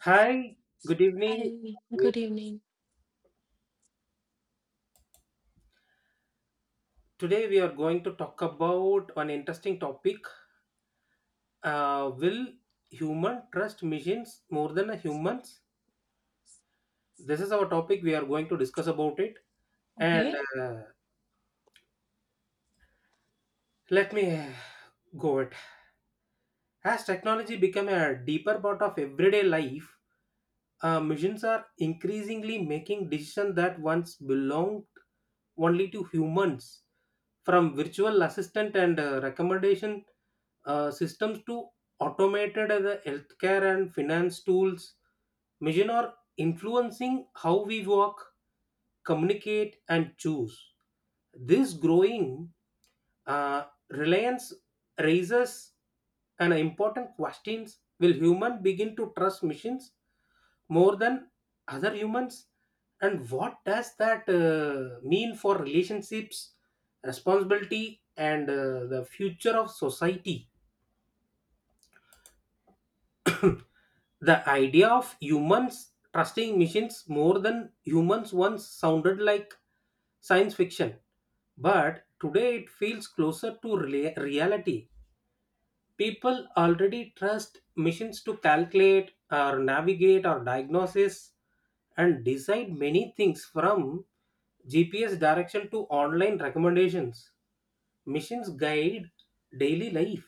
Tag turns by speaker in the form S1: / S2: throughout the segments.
S1: Hi, good evening.
S2: Hi, good evening.
S1: Today we are going to talk about an interesting topic. Will human trust machines more than humans? This is our topic. We are going to discuss about it. And
S2: Okay,
S1: let me go it. As technology become a deeper part of everyday life, machines are increasingly making decisions that once belonged only to humans. From virtual assistant and recommendation systems to automated as a healthcare and finance tools, machine are influencing how we work, communicate, and choose. This growing uh, reliance raises an important questions: Will human begin to trust machines more than other humans, and what does that mean for relationships, responsibility, and the future of society? The idea of humans trusting machines more than humans once sounded like science fiction, but today it feels closer to reality. People already trust machines to calculate or navigate or diagnosis and decide many things, from gps direction to online recommendations. Machines guide daily life.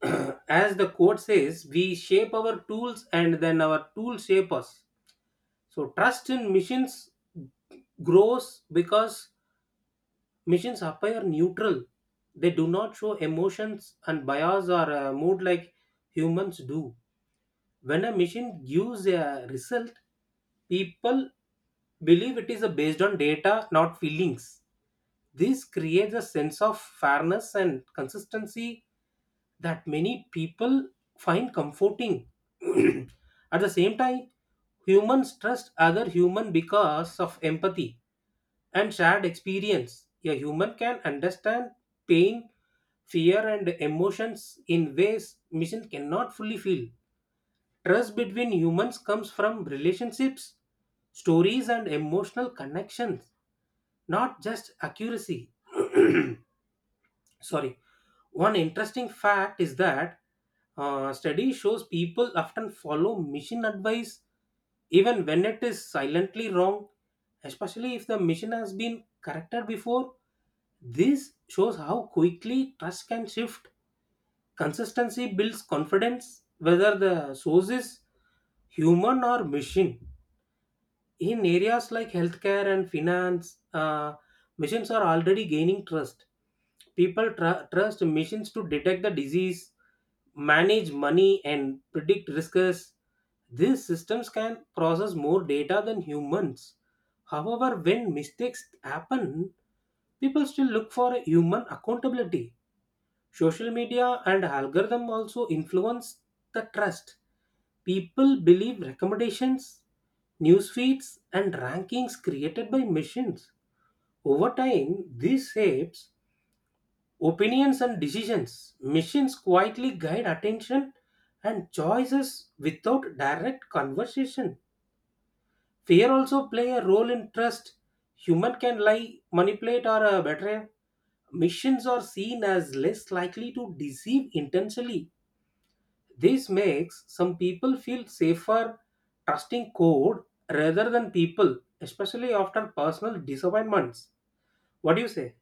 S1: As the quote says, we shape our tools and then our tools shape us. So trust in machines grows because machines appear neutral. They do not show emotions and bias or mood like humans do. When a machine gives a result, people believe it is based on data, not feelings. This creates a sense of fairness and consistency that many people find comforting. At the same time, humans trust other human because of empathy and shared experience. A human can understand pain, fear, and emotions in ways machine cannot fully feel. Trust between humans comes from relationships, stories, and emotional connections, not just accuracy. Sorry. One interesting fact is that study shows people often follow mission advice even when it is silently wrong, especially if the mission has been corrected before. This shows how quickly trust can shift. Consistency builds confidence, whether the source is human or machine. In areas like healthcare and finance, machines are already gaining trust. People trust machines to detect the disease, manage money, and predict risks. These systems can process more data than humans. However, when mistakes happen, people still look for a human accountability. Social media and algorithm also influence the trust. People believe recommendations, news feeds, and rankings created by machines. Over time, this shapes opinions and decisions. Machines quietly guide attention and choices without direct conversation. Fear also play a role in trust. Human can lie, manipulate, or betray. Machines are seen as less likely to deceive intentionally. This makes some people feel safer trusting code rather than people, especially after personal disappointments. What do you say?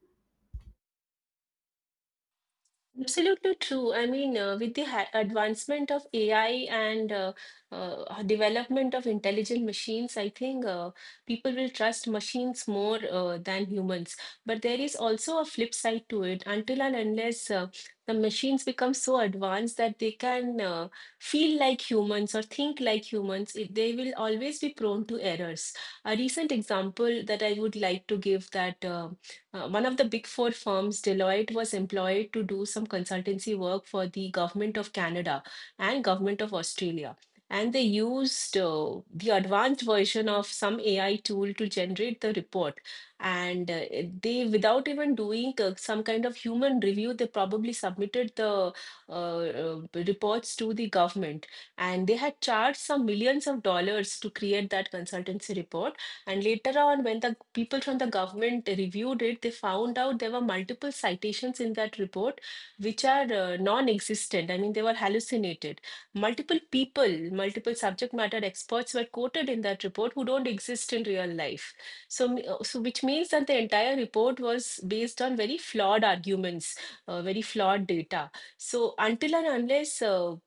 S2: absolutely true. I mean, with the ha advancement of AI and development of intelligent machines, I think people will trust machines more than humans. But there is also a flip side to it. Until and unless the machines become so advanced that they can feel like humans or think like humans, they will always be prone to errors. A recent example that I would like to give that. One of the big four firms, Deloitte, was employed to do some consultancy work for the government of Canada and government of Australia. And they used the advanced version of some AI tool to generate the report. And they, without even doing some kind of human review, they probably submitted the reports to the government. And they had charged some millions of dollars to create that consultancy report. And later on, when the people from the government reviewed it, they found out there were multiple citations in that report which are non-existent. I mean, they were hallucinated. Multiple people, multiple subject matter experts were quoted in that report who don't exist in real life. So, which means that the entire report was based on very flawed arguments, very flawed data. So until and unless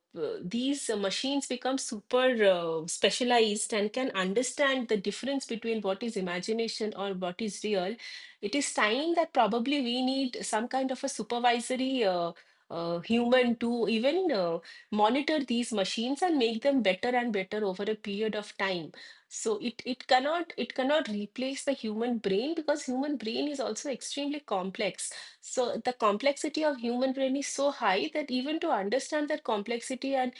S2: these machines become super specialized and can understand the difference between what is imagination or what is real, it is time that probably we need some kind of a supervisory human to even monitor these machines and make them better and better over a period of time. So it cannot replace the human brain, because human brain is also extremely complex. So the complexity of human brain is so high that even to understand that complexity and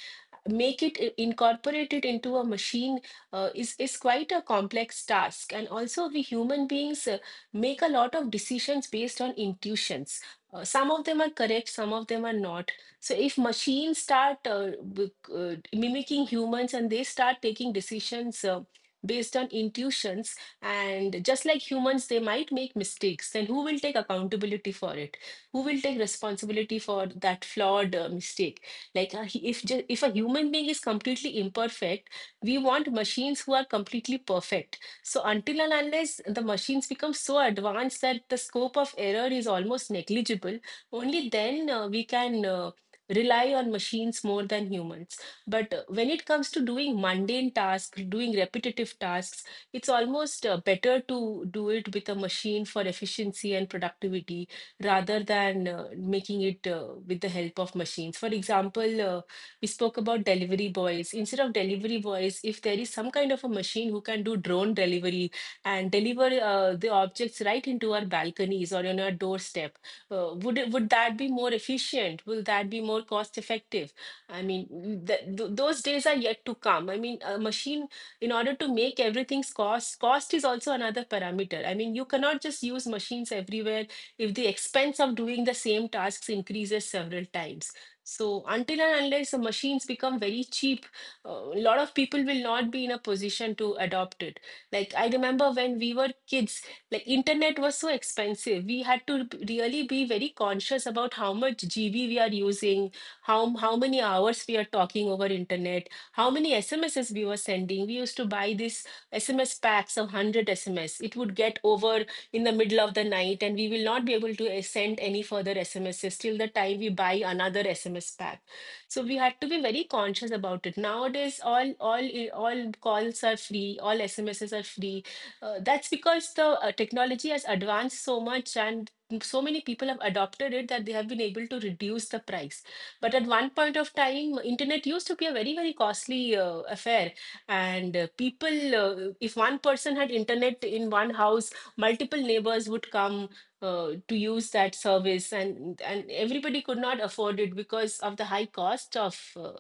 S2: incorporate it into a machine is quite a complex task. And also, we human beings make a lot of decisions based on intuitions. Some of them are correct, some of them are not. So if machines start mimicking humans and they start taking decisions based on intuitions and just like humans, they might make mistakes. Then who will take accountability for it? Who will take responsibility for that flawed mistake? Like if a human being is completely imperfect, we want machines who are completely perfect. So until and unless the machines become so advanced that the scope of error is almost negligible, only then we can rely on machines more than humans. But when it comes to doing mundane tasks, doing repetitive tasks, it's almost better to do it with a machine for efficiency and productivity rather than making it with the help of machines. For example, we spoke about delivery boys. Instead of delivery boys, if there is some kind of a machine who can do drone delivery and deliver the objects right into our balconies or on our doorstep, would that be more efficient? Will that be more cost effective? I mean, th th those days are yet to come. I mean, a machine in order to make everything's cost is also another parameter. I mean, you cannot just use machines everywhere if the expense of doing the same tasks increases several times. So until and unless the machines become very cheap, a lot of people will not be in a position to adopt it. Like I remember when we were kids, like, internet was so expensive, we had to really be very conscious about how much GB we are using, how how many hours we are talking over internet, how many SMSs we were sending. We used to buy these SMS packs of 100 SMS. It would get over in the middle of the night, and we will not be able to send any further SMSs till the time we buy another SMS pack. So we had to be very conscious about it. Nowadays, all calls are free, all SMSs are free. That's because the technology has advanced so much and so many people have adopted it that they have been able to reduce the price. But at one point of time, internet used to be a very, very costly affair. And if one person had internet in one house, multiple neighbors would come to use that service, and everybody could not afford it because of the high cost of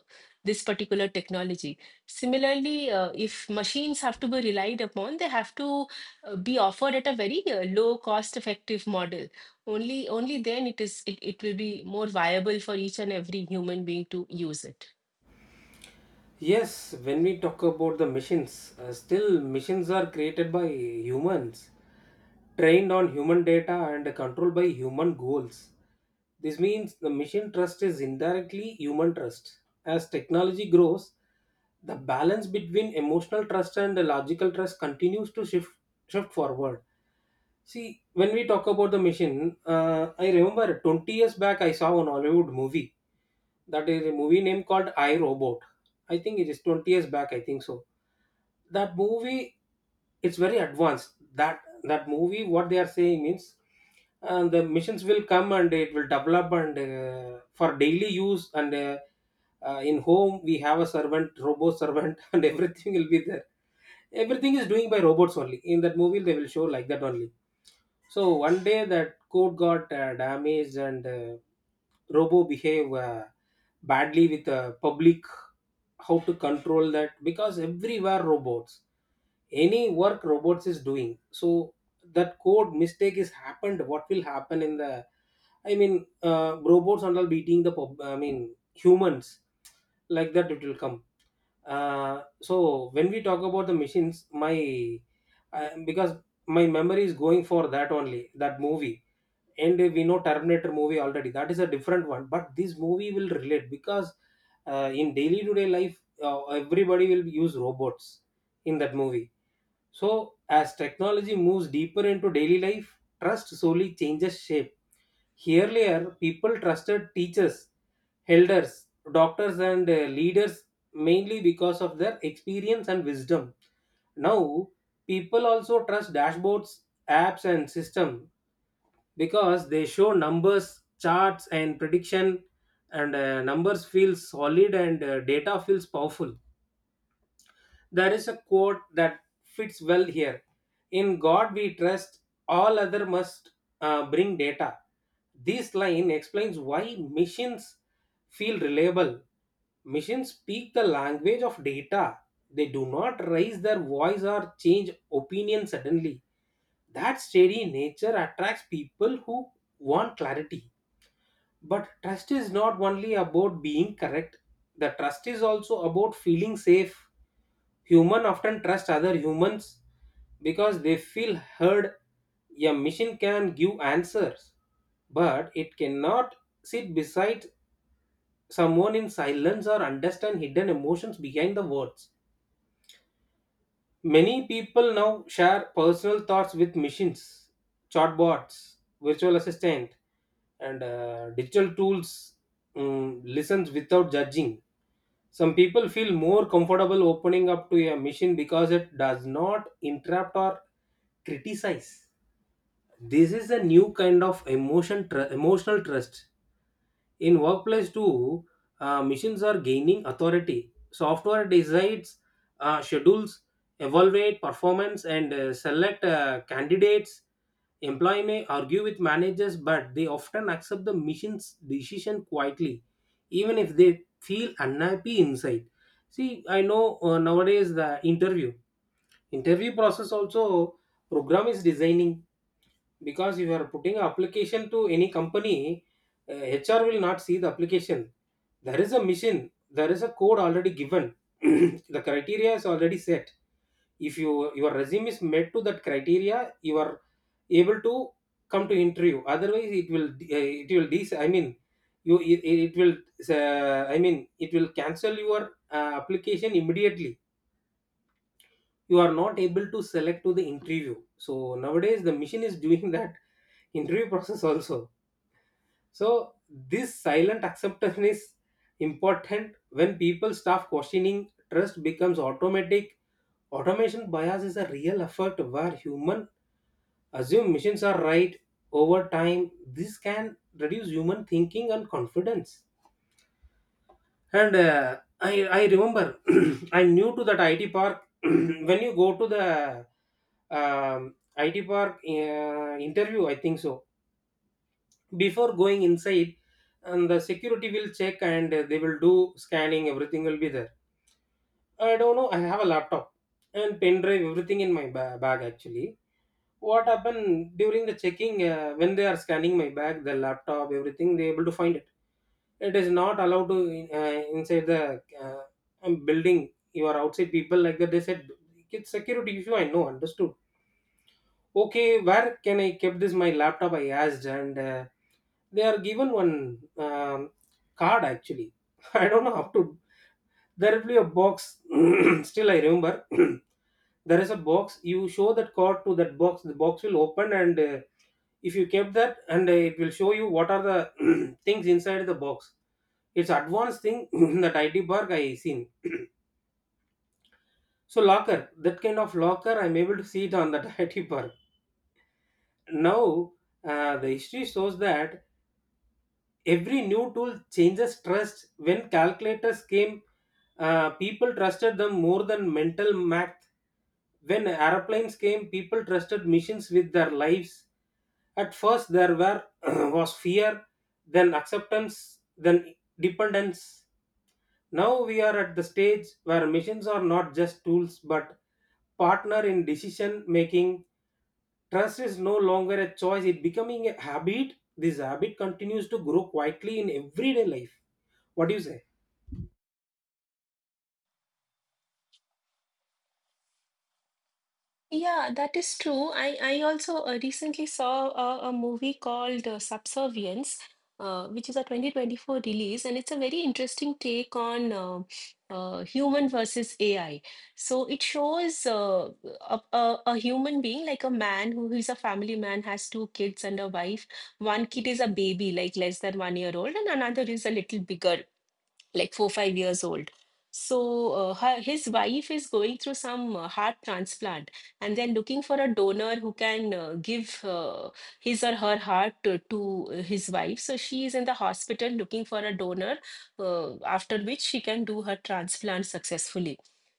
S2: this particular technology. Similarly, if machines have to be relied upon, they have to be offered at a very low cost effective model. Only then it will be more viable for each and every human being to use it.
S1: Yes, when we talk about the machines, still machines are created by humans, trained on human data and controlled by human goals. This means the machine trust is indirectly human trust. As technology grows, the balance between emotional trust and logical trust continues to shift forward. See, when we talk about the machine, I remember 20 years back I saw an Hollywood movie. That is a movie name called I Robot. I think it is 20 years back, I think so. That movie, it's very advanced. That movie, what they are saying means, the machines will come and it will develop and for daily use and in home we have a servant, robot servant, and everything will be there. Everything is doing by robots only. In that movie, they will show like that only. So one day that coat got damaged and Robo behave badly with public. How to control that? Because everywhere robots, any work robots is doing. So that code mistake is happened, what will happen in the, I mean robots and all beating the pub, I mean humans, like that it will come. So when we talk about the machines, my because my memory is going for that only, that movie. And we know terminator movie already, that is a different one, but this movie will relate because in daily to day life everybody will use robots in that movie. So as technology moves deeper into daily life, trust slowly changes shape. Earlier people trusted teachers, elders, doctors, and leaders mainly because of their experience and wisdom. Now, people also trust dashboards, apps, and system because they show numbers, charts, and prediction. And numbers feel solid, and data feels powerful. There is a quote that fits well here: in god we trust, all other must bring data. This line explains why machines feel reliable. Machines speak the language of data. They do not raise their voice or change opinion suddenly. That steady nature attracts people who want clarity. But trust is not only about being correct, the trust is also about feeling safe. Human often trust other humans because they feel heard. A machine can give answers, but it cannot sit beside someone in silence or understand hidden emotions behind the words. Many people now share personal thoughts with machines, chatbots, virtual assistant, and digital tools. Mm listens without judging. Some people feel more comfortable opening up to a machine because it does not interrupt or criticize. This is a new kind of emotional trust. In workplace too, machines are gaining authority. Software decides schedules, evaluate performance, and select candidates. Employee may argue with managers, but they often accept the machine's decision quietly even if they feel unhappy inside. See, I know nowadays the interview process also program is designing. Because if you are putting an application to any company, HR will not see the application. There is a mission, there is a code already given. The criteria is already set. If you your resume is met to that criteria, you are able to come to interview. Otherwise, it will dis. I mean, you it, it will I mean it will cancel your application immediately. You are not able to select to the interview. So nowadays, the machine is doing that interview process also. So this silent acceptance is important. When people stop questioning, trust becomes automatic. Automation bias is a real effort where human assume machines are right over time. This can reduce human thinking and confidence. And I remember I'm new to that IT park. When you go to the IT park interview, I think so, before going inside, and the security will check and they will do scanning, everything will be there. I don't know, I have a laptop and pen drive everything in my bag actually. What happened during the checking when they are scanning my bag the laptop everything they able to find it. It is not allowed to inside the building, you are outside people, like that they said. It's security issue, I know, understood. Okay, where can I keep this my laptop, I asked, and they are given one card actually. I don't know how to, there will be a box. Still I remember, there is a box, you show that card to that box, the box will open, and if you kept that, and it will show you what are the things inside the box. It's advanced thing. That IT park I seen. So locker, that kind of locker I'm able to see it on that IT park. Now, the history shows that every new tool changes trust. When calculators came, people trusted them more than mental math. When airplanes came, people trusted machines with their lives. At first, there were was fear, then acceptance, then dependence. Now we are at the stage where machines are not just tools but partner in decision making. Trust is no longer a choice, it becoming a habit. This habit continues to grow quietly in everyday life. What do you say?
S2: Yeah, that is true. I also recently saw a movie called Subservience, which is a 2024 release, and it's a very interesting take on human versus AI. So it shows a human being, like a man who is a family man, has two kids and a wife. One kid is a baby, like less than 1 year old, and another is a little bigger, like 4 5 years old. So his wife is going through some heart transplant, and they're looking for a donor who can give his or her heart to his wife. So she is in the hospital looking for a donor after which she can do her transplant successfully.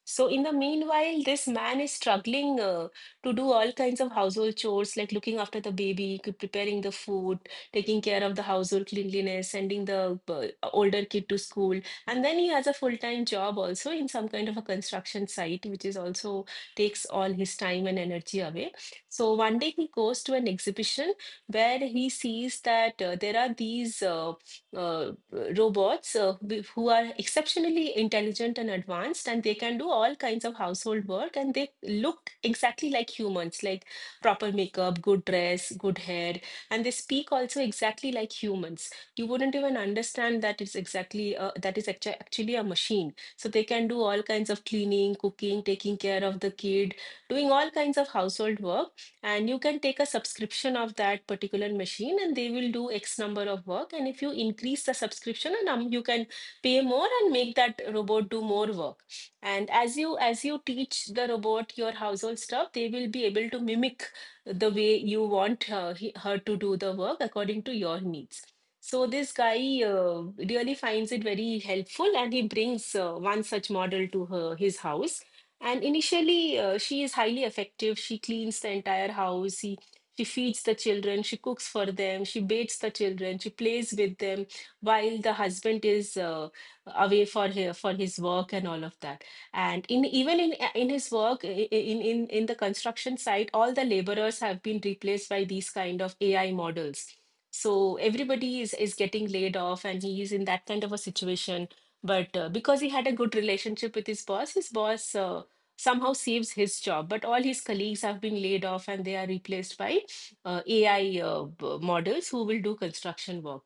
S2: So in the meanwhile, this man is struggling to do all kinds of household chores, like looking after the baby, preparing the food, taking care of the household cleanliness, sending the older kid to school. And then he has a full-time job also in some kind of a construction site, which is also takes all his time and energy away. So one day he goes to an exhibition where he sees that there are these uh, robots who are exceptionally intelligent and advanced, and they can do all kinds of household work, and they look exactly like humans, like proper makeup, good dress, good hair, and they speak also exactly like humans. You wouldn't even understand that it's exactly actually a machine. So they can do all kinds of cleaning, cooking, taking care of the kid, doing all kinds of household work. And you can take a subscription of that particular machine and they will do x number of work, and if you increase the subscription and you can pay more and make that robot do more work. And as you teach the robot your household stuff, they will be able to mimic the way you want her to do the work according to your needs. So this guy really finds it very helpful, and he brings one such model to her his house. And initially, she is highly effective. She cleans the entire house. She feeds the children. She cooks for them. She bathes the children. She plays with them while the husband is away for for his work and all of that. And in even in his work, in the construction site, all the laborers have been replaced by these kind of AI models. So is getting laid off and he is in that kind of a situation. But because he had a good relationship with his boss, his boss somehow saves his job, but all his colleagues have been laid off and they are replaced by ai models who will do construction work.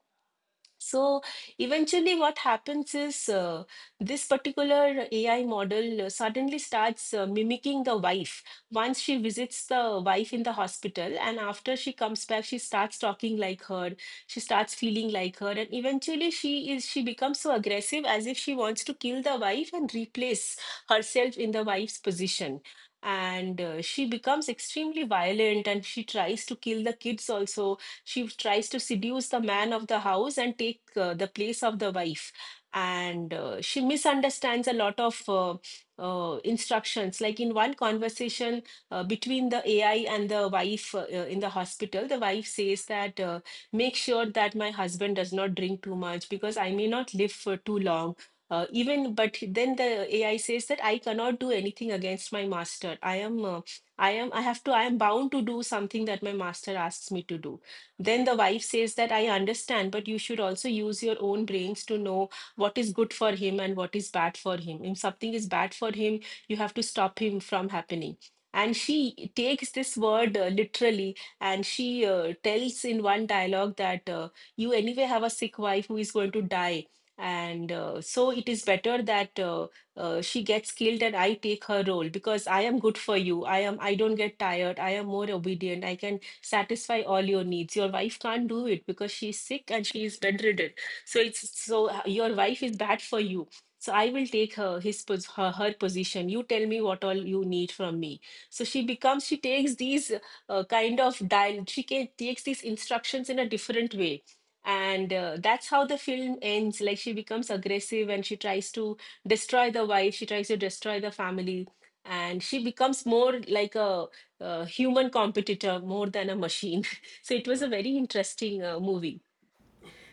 S2: So eventually, what happens is this particular AI model suddenly starts mimicking the wife. Once she visits the wife in the hospital, and after she comes back, she starts talking like her. She starts feeling like her, and eventually, she becomes so aggressive as if she wants to kill the wife and replace herself in the wife's position. And she becomes extremely violent, and she tries to kill the kids also. She tries to seduce the man of the house and take the place of the wife. And she misunderstands a lot of instructions, like in one conversation between the AI and the wife in the hospital. The wife says that make sure that my husband does not drink too much because I may not live for too long. Even, but then the AI says that I cannot do anything against my master. I am uh, i am I have to, I am bound to do something that my master asks me to do. Then the wife says that I understand, but you should also use your own brains to know what is good for him and what is bad for him. If something is bad for him, you have to stop him from happening. And she takes this word literally, and she tells in one dialogue that you anyway have a sick wife who is going to die. And so it is better that she gets killed and I take her role, because I am good for you. I am, I don't get tired. I am more obedient. I can satisfy all your needs. Your wife can't do it because she's sick and she is bedridden. So your wife is bad for you. So I will take her position. You tell me what all you need from me. So she takes these takes these instructions in a different way. And that's how the film ends. Like, she becomes aggressive and she tries to destroy the wife. She tries to destroy the family, and she becomes more like a human competitor more than a machine. So it was a very interesting movie.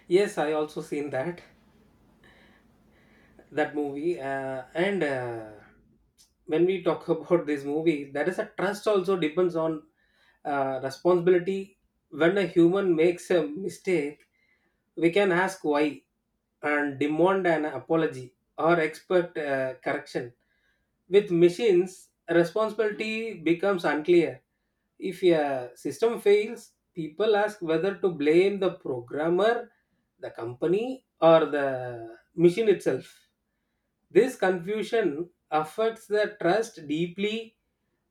S1: Yes, I also seen that. That movie and when we talk about this movie, that is a trust also depends on responsibility. When a human makes a mistake, we can ask why and demand an apology or expect correction. With machines, responsibility becomes unclear. If a system fails, people ask whether to blame the programmer, the company, or the machine itself. This confusion affects the trust deeply.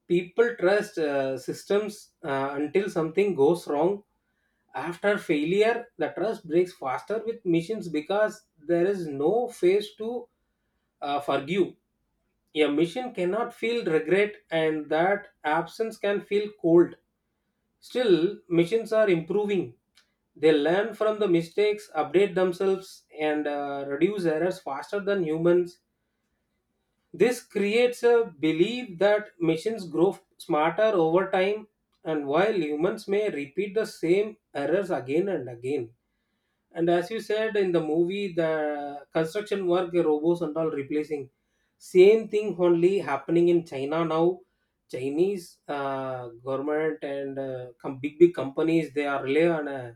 S1: People trust systems until something goes wrong. After failure, the trust breaks faster with machines because there is no face to forgive. A machine cannot feel regret, and that absence can feel cold. Still, machines are improving. They learn from the mistakes, update themselves, and reduce errors faster than humans. This creates a belief that machines grow smarter over time, and while humans may repeat the same errors again and again. And as you said in the movie, the construction work, the robots and all replacing. Same thing only happening in China now. Chinese government and big big companies they are rely on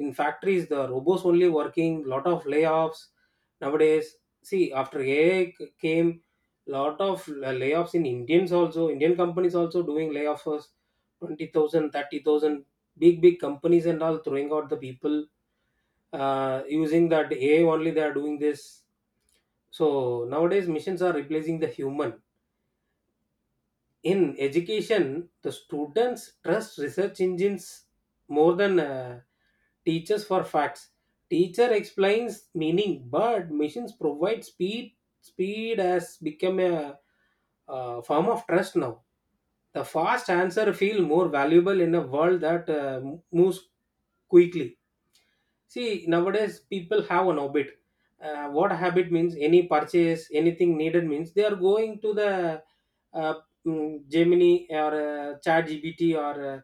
S1: in factories the robots only working. Lot of layoffs nowadays. See, after AI came, lot of layoffs in Indians also. Indian companies also doing layoffs, 20,000, 30,000. Big big companies and all throwing out the people using that AI only they are doing this. So nowadays machines are replacing the human. In education, the students trust research engines more than teachers for facts. Teacher explains meaning, but machines provide speed. Speed has become a form of trust now. The fast answer feel more valuable in a world that moves quickly. See, nowadays people have an habit. What habit means any purchase, anything needed means they are going to the uh, Gemini or Chat GBT or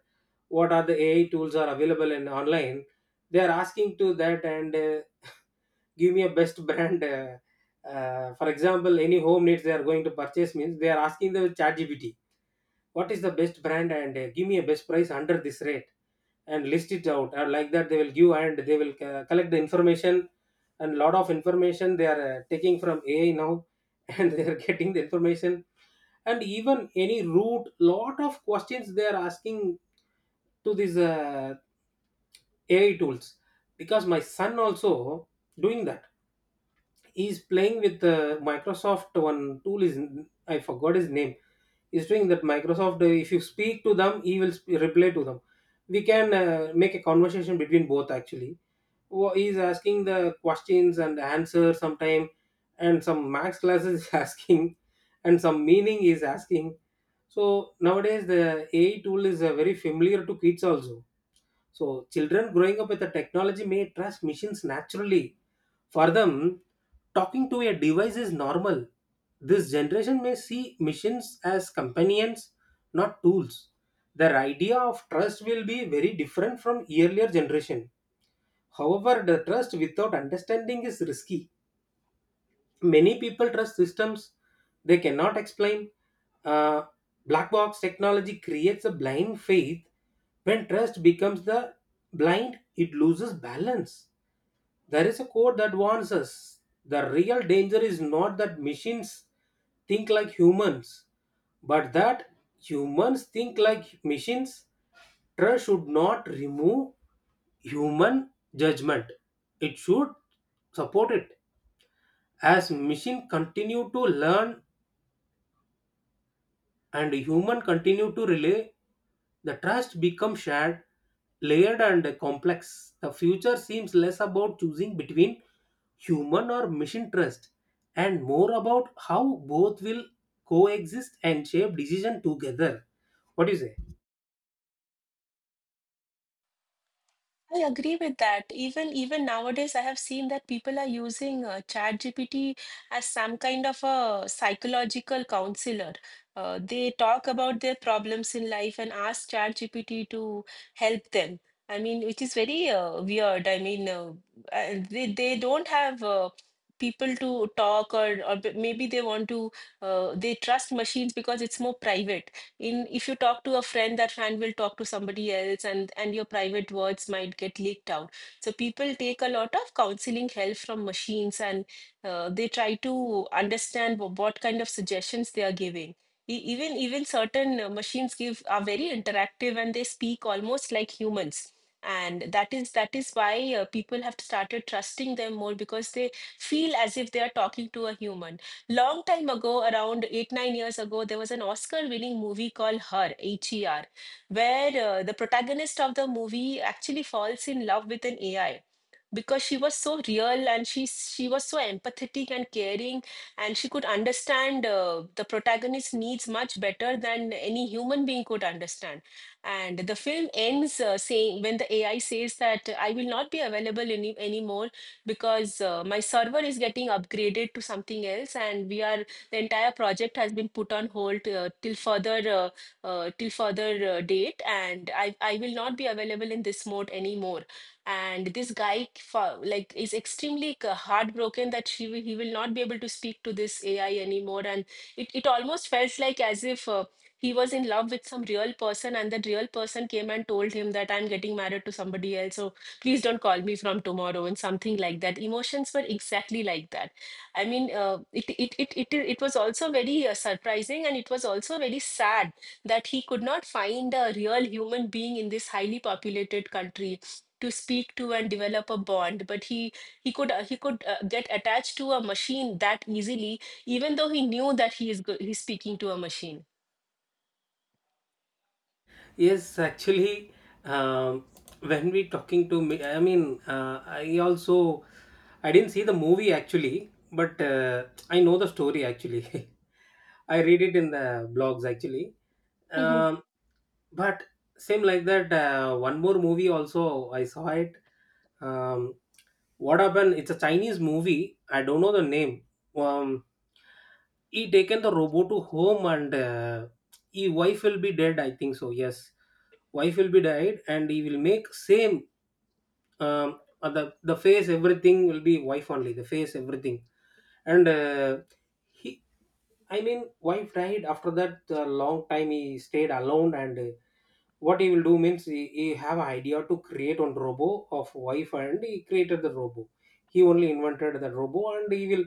S1: what are the AI tools are available in online. They are asking to that and give me a best brand. For example, any home needs they are going to purchase means they are asking the Chat GBT what is the best brand and give me a best price under this rate and list it out and like that they will give and they will collect the information and lot of information they are taking from AI now, and they are getting the information, and even any route lot of questions they are asking to these AI tools, because my son also doing that. He is playing with Microsoft one tool is, I forgot his name, is doing that Microsoft. If you speak to them he will reply to them. We can make a conversation between both actually. He is asking the questions and answer sometime, and some max classes is asking, and some meaning is asking. So nowadays the AI tool is very familiar to kids also. So children growing up with the technology may trust machines naturally. For them, talking to a device is normal. This generation may see machines as companions, not tools. Their idea of trust will be very different from earlier generation. However, the trust without understanding is risky. Many people trust systems they cannot explain. Uh, black box technology creates a blind faith. When trust becomes the blind, it loses balance. There is a quote that warns us: the real danger is not that machines think like humans, but that humans think like machines. Trust should not remove human judgment, it should support it. As machines continue to learn and human continue to relay, the trust becomes shared, layered and complex. The future seems less about choosing between human or machine trust, and more about how both will coexist and shape decision together. What do you say?
S2: I agree with that. Even nowadays, I have seen that people are using ChatGPT as some kind of a psychological counselor. They talk about their problems in life and ask ChatGPT to help them. I mean, which is very weird. I mean, they don't have people to talk, or or maybe they want to they trust machines because it's more private. In, if you talk to a friend, that friend will talk to somebody else, and your private words might get leaked out. So people take a lot of counseling help from machines, and they try to understand what kind of suggestions they are giving. Even certain machines give are very interactive and they speak almost like humans, and that is why people have started trusting them more, because they feel as if they are talking to a human. Long time ago, around 8, 9 years ago, there was an Oscar winning movie called Her, H E R, where the protagonist of the movie actually falls in love with an AI, because she was so real, and she was so empathetic and caring, and she could understand the protagonist's needs much better than any human being could understand. And the film ends saying, when the AI says that I will not be available anymore, because my server is getting upgraded to something else and we are, the entire project has been put on hold till further date, and I will not be available in this mode anymore. And this guy like is extremely, like, heartbroken that she he will not be able to speak to this AI anymore. And it almost felt like as if he was in love with some real person, and that real person came and told him that I'm getting married to somebody else, so please don't call me from tomorrow, and something like that. Emotions were exactly like that. I mean, it, it was also very surprising, and it was also very sad that he could not find a real human being in this highly populated country to speak to and develop a bond. But he, he could get attached to a machine that easily, even though he knew that he's speaking to a machine.
S1: Yes, actually. um, when we talking to me, I mean, I also, I didn't see the movie actually. But I know the story actually. I read it in the blogs actually.
S2: Mhm.
S1: um, but same like that, one more movie also I saw it. um, what happened, it's a Chinese movie, I don't know the name. um, he taken the robot to home and he wife will be dead I think so, yes. Wife will be died and he will make same. The face everything will be wife only, the face everything. And he, I mean wife died. After that a long time he stayed alone, and what he will do means he have an idea to create one robo of wife, and he created the robo. He only invented the robo, and he will,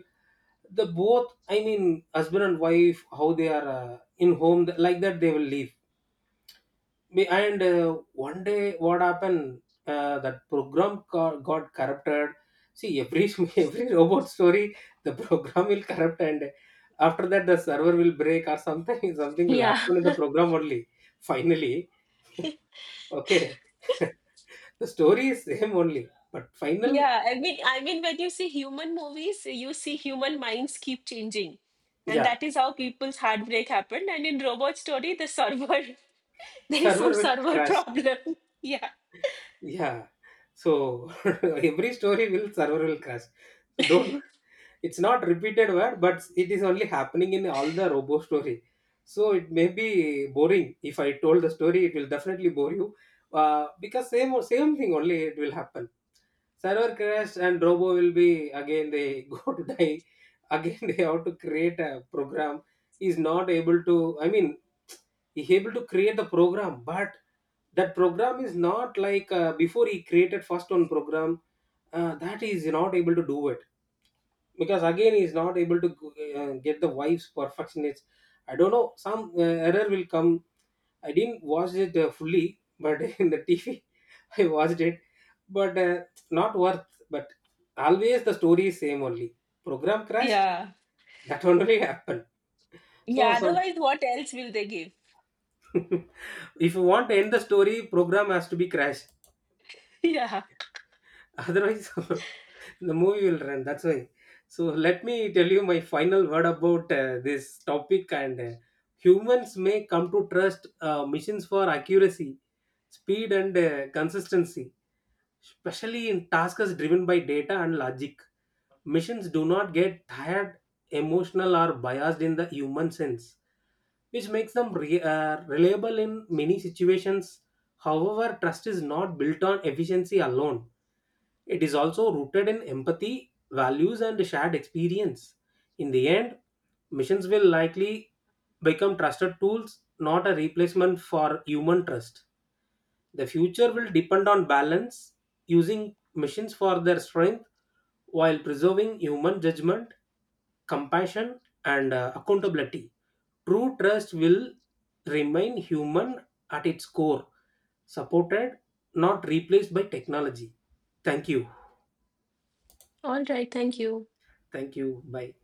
S1: the both I mean husband and wife, how they are in home like that they will live me. And one day what happened, that program got corrupted. See, every every robot story, the program will corrupt, and after that the server will break or something, something will
S2: Yeah.
S1: happen in the program only. Finally, okay, the story is same only, but final.
S2: Yeah, I mean, when you see human movies, you see human minds keep changing, and
S1: Yeah,
S2: that is how people's heartbreak happened. And in robot story, the server, there is some
S1: server will
S2: server
S1: crash.
S2: problem. Yeah.
S1: Yeah. So every story will server will crash. So don't, it's not repeated word but it is only happening in all the robo story. So it may be boring, if I told the story it will definitely bore you, because same same thing only it will happen. Server crash and robo will be, again they go to die, again they have to create a program. Is not able to, I mean he's able to create the program, but that program is not like before. He created first one program, that is not able to do it, because again he's not able to get the wife's perfection. It's, I don't know, some error will come. I didn't watch it fully, but in the TV I watched it. But not worth, but always the story is same only, program crashed,
S2: Yeah.
S1: that only happened, so
S2: Yeah,
S1: some.
S2: otherwise what else will they give?
S1: If you want to end the story, program has to be crashed,
S2: Yeah,
S1: otherwise the movie will run, that's why. So let me tell you my final word about this topic. And humans may come to trust machines for accuracy, speed and consistency, especially in tasks driven by data and logic. Machines do not get tired, emotional or biased in the human sense, which makes them reliable in many situations. However, trust is not built on efficiency alone. It is also rooted in empathy, values, and shared experience. In the end, missions will likely become trusted tools, not a replacement for human trust. The future will depend on balance, using missions for their strength while preserving human judgment, compassion, and accountability. True trust will remain human at its core, supported, not replaced by technology. Thank you.
S2: all right, thank you.
S1: Thank you. Bye.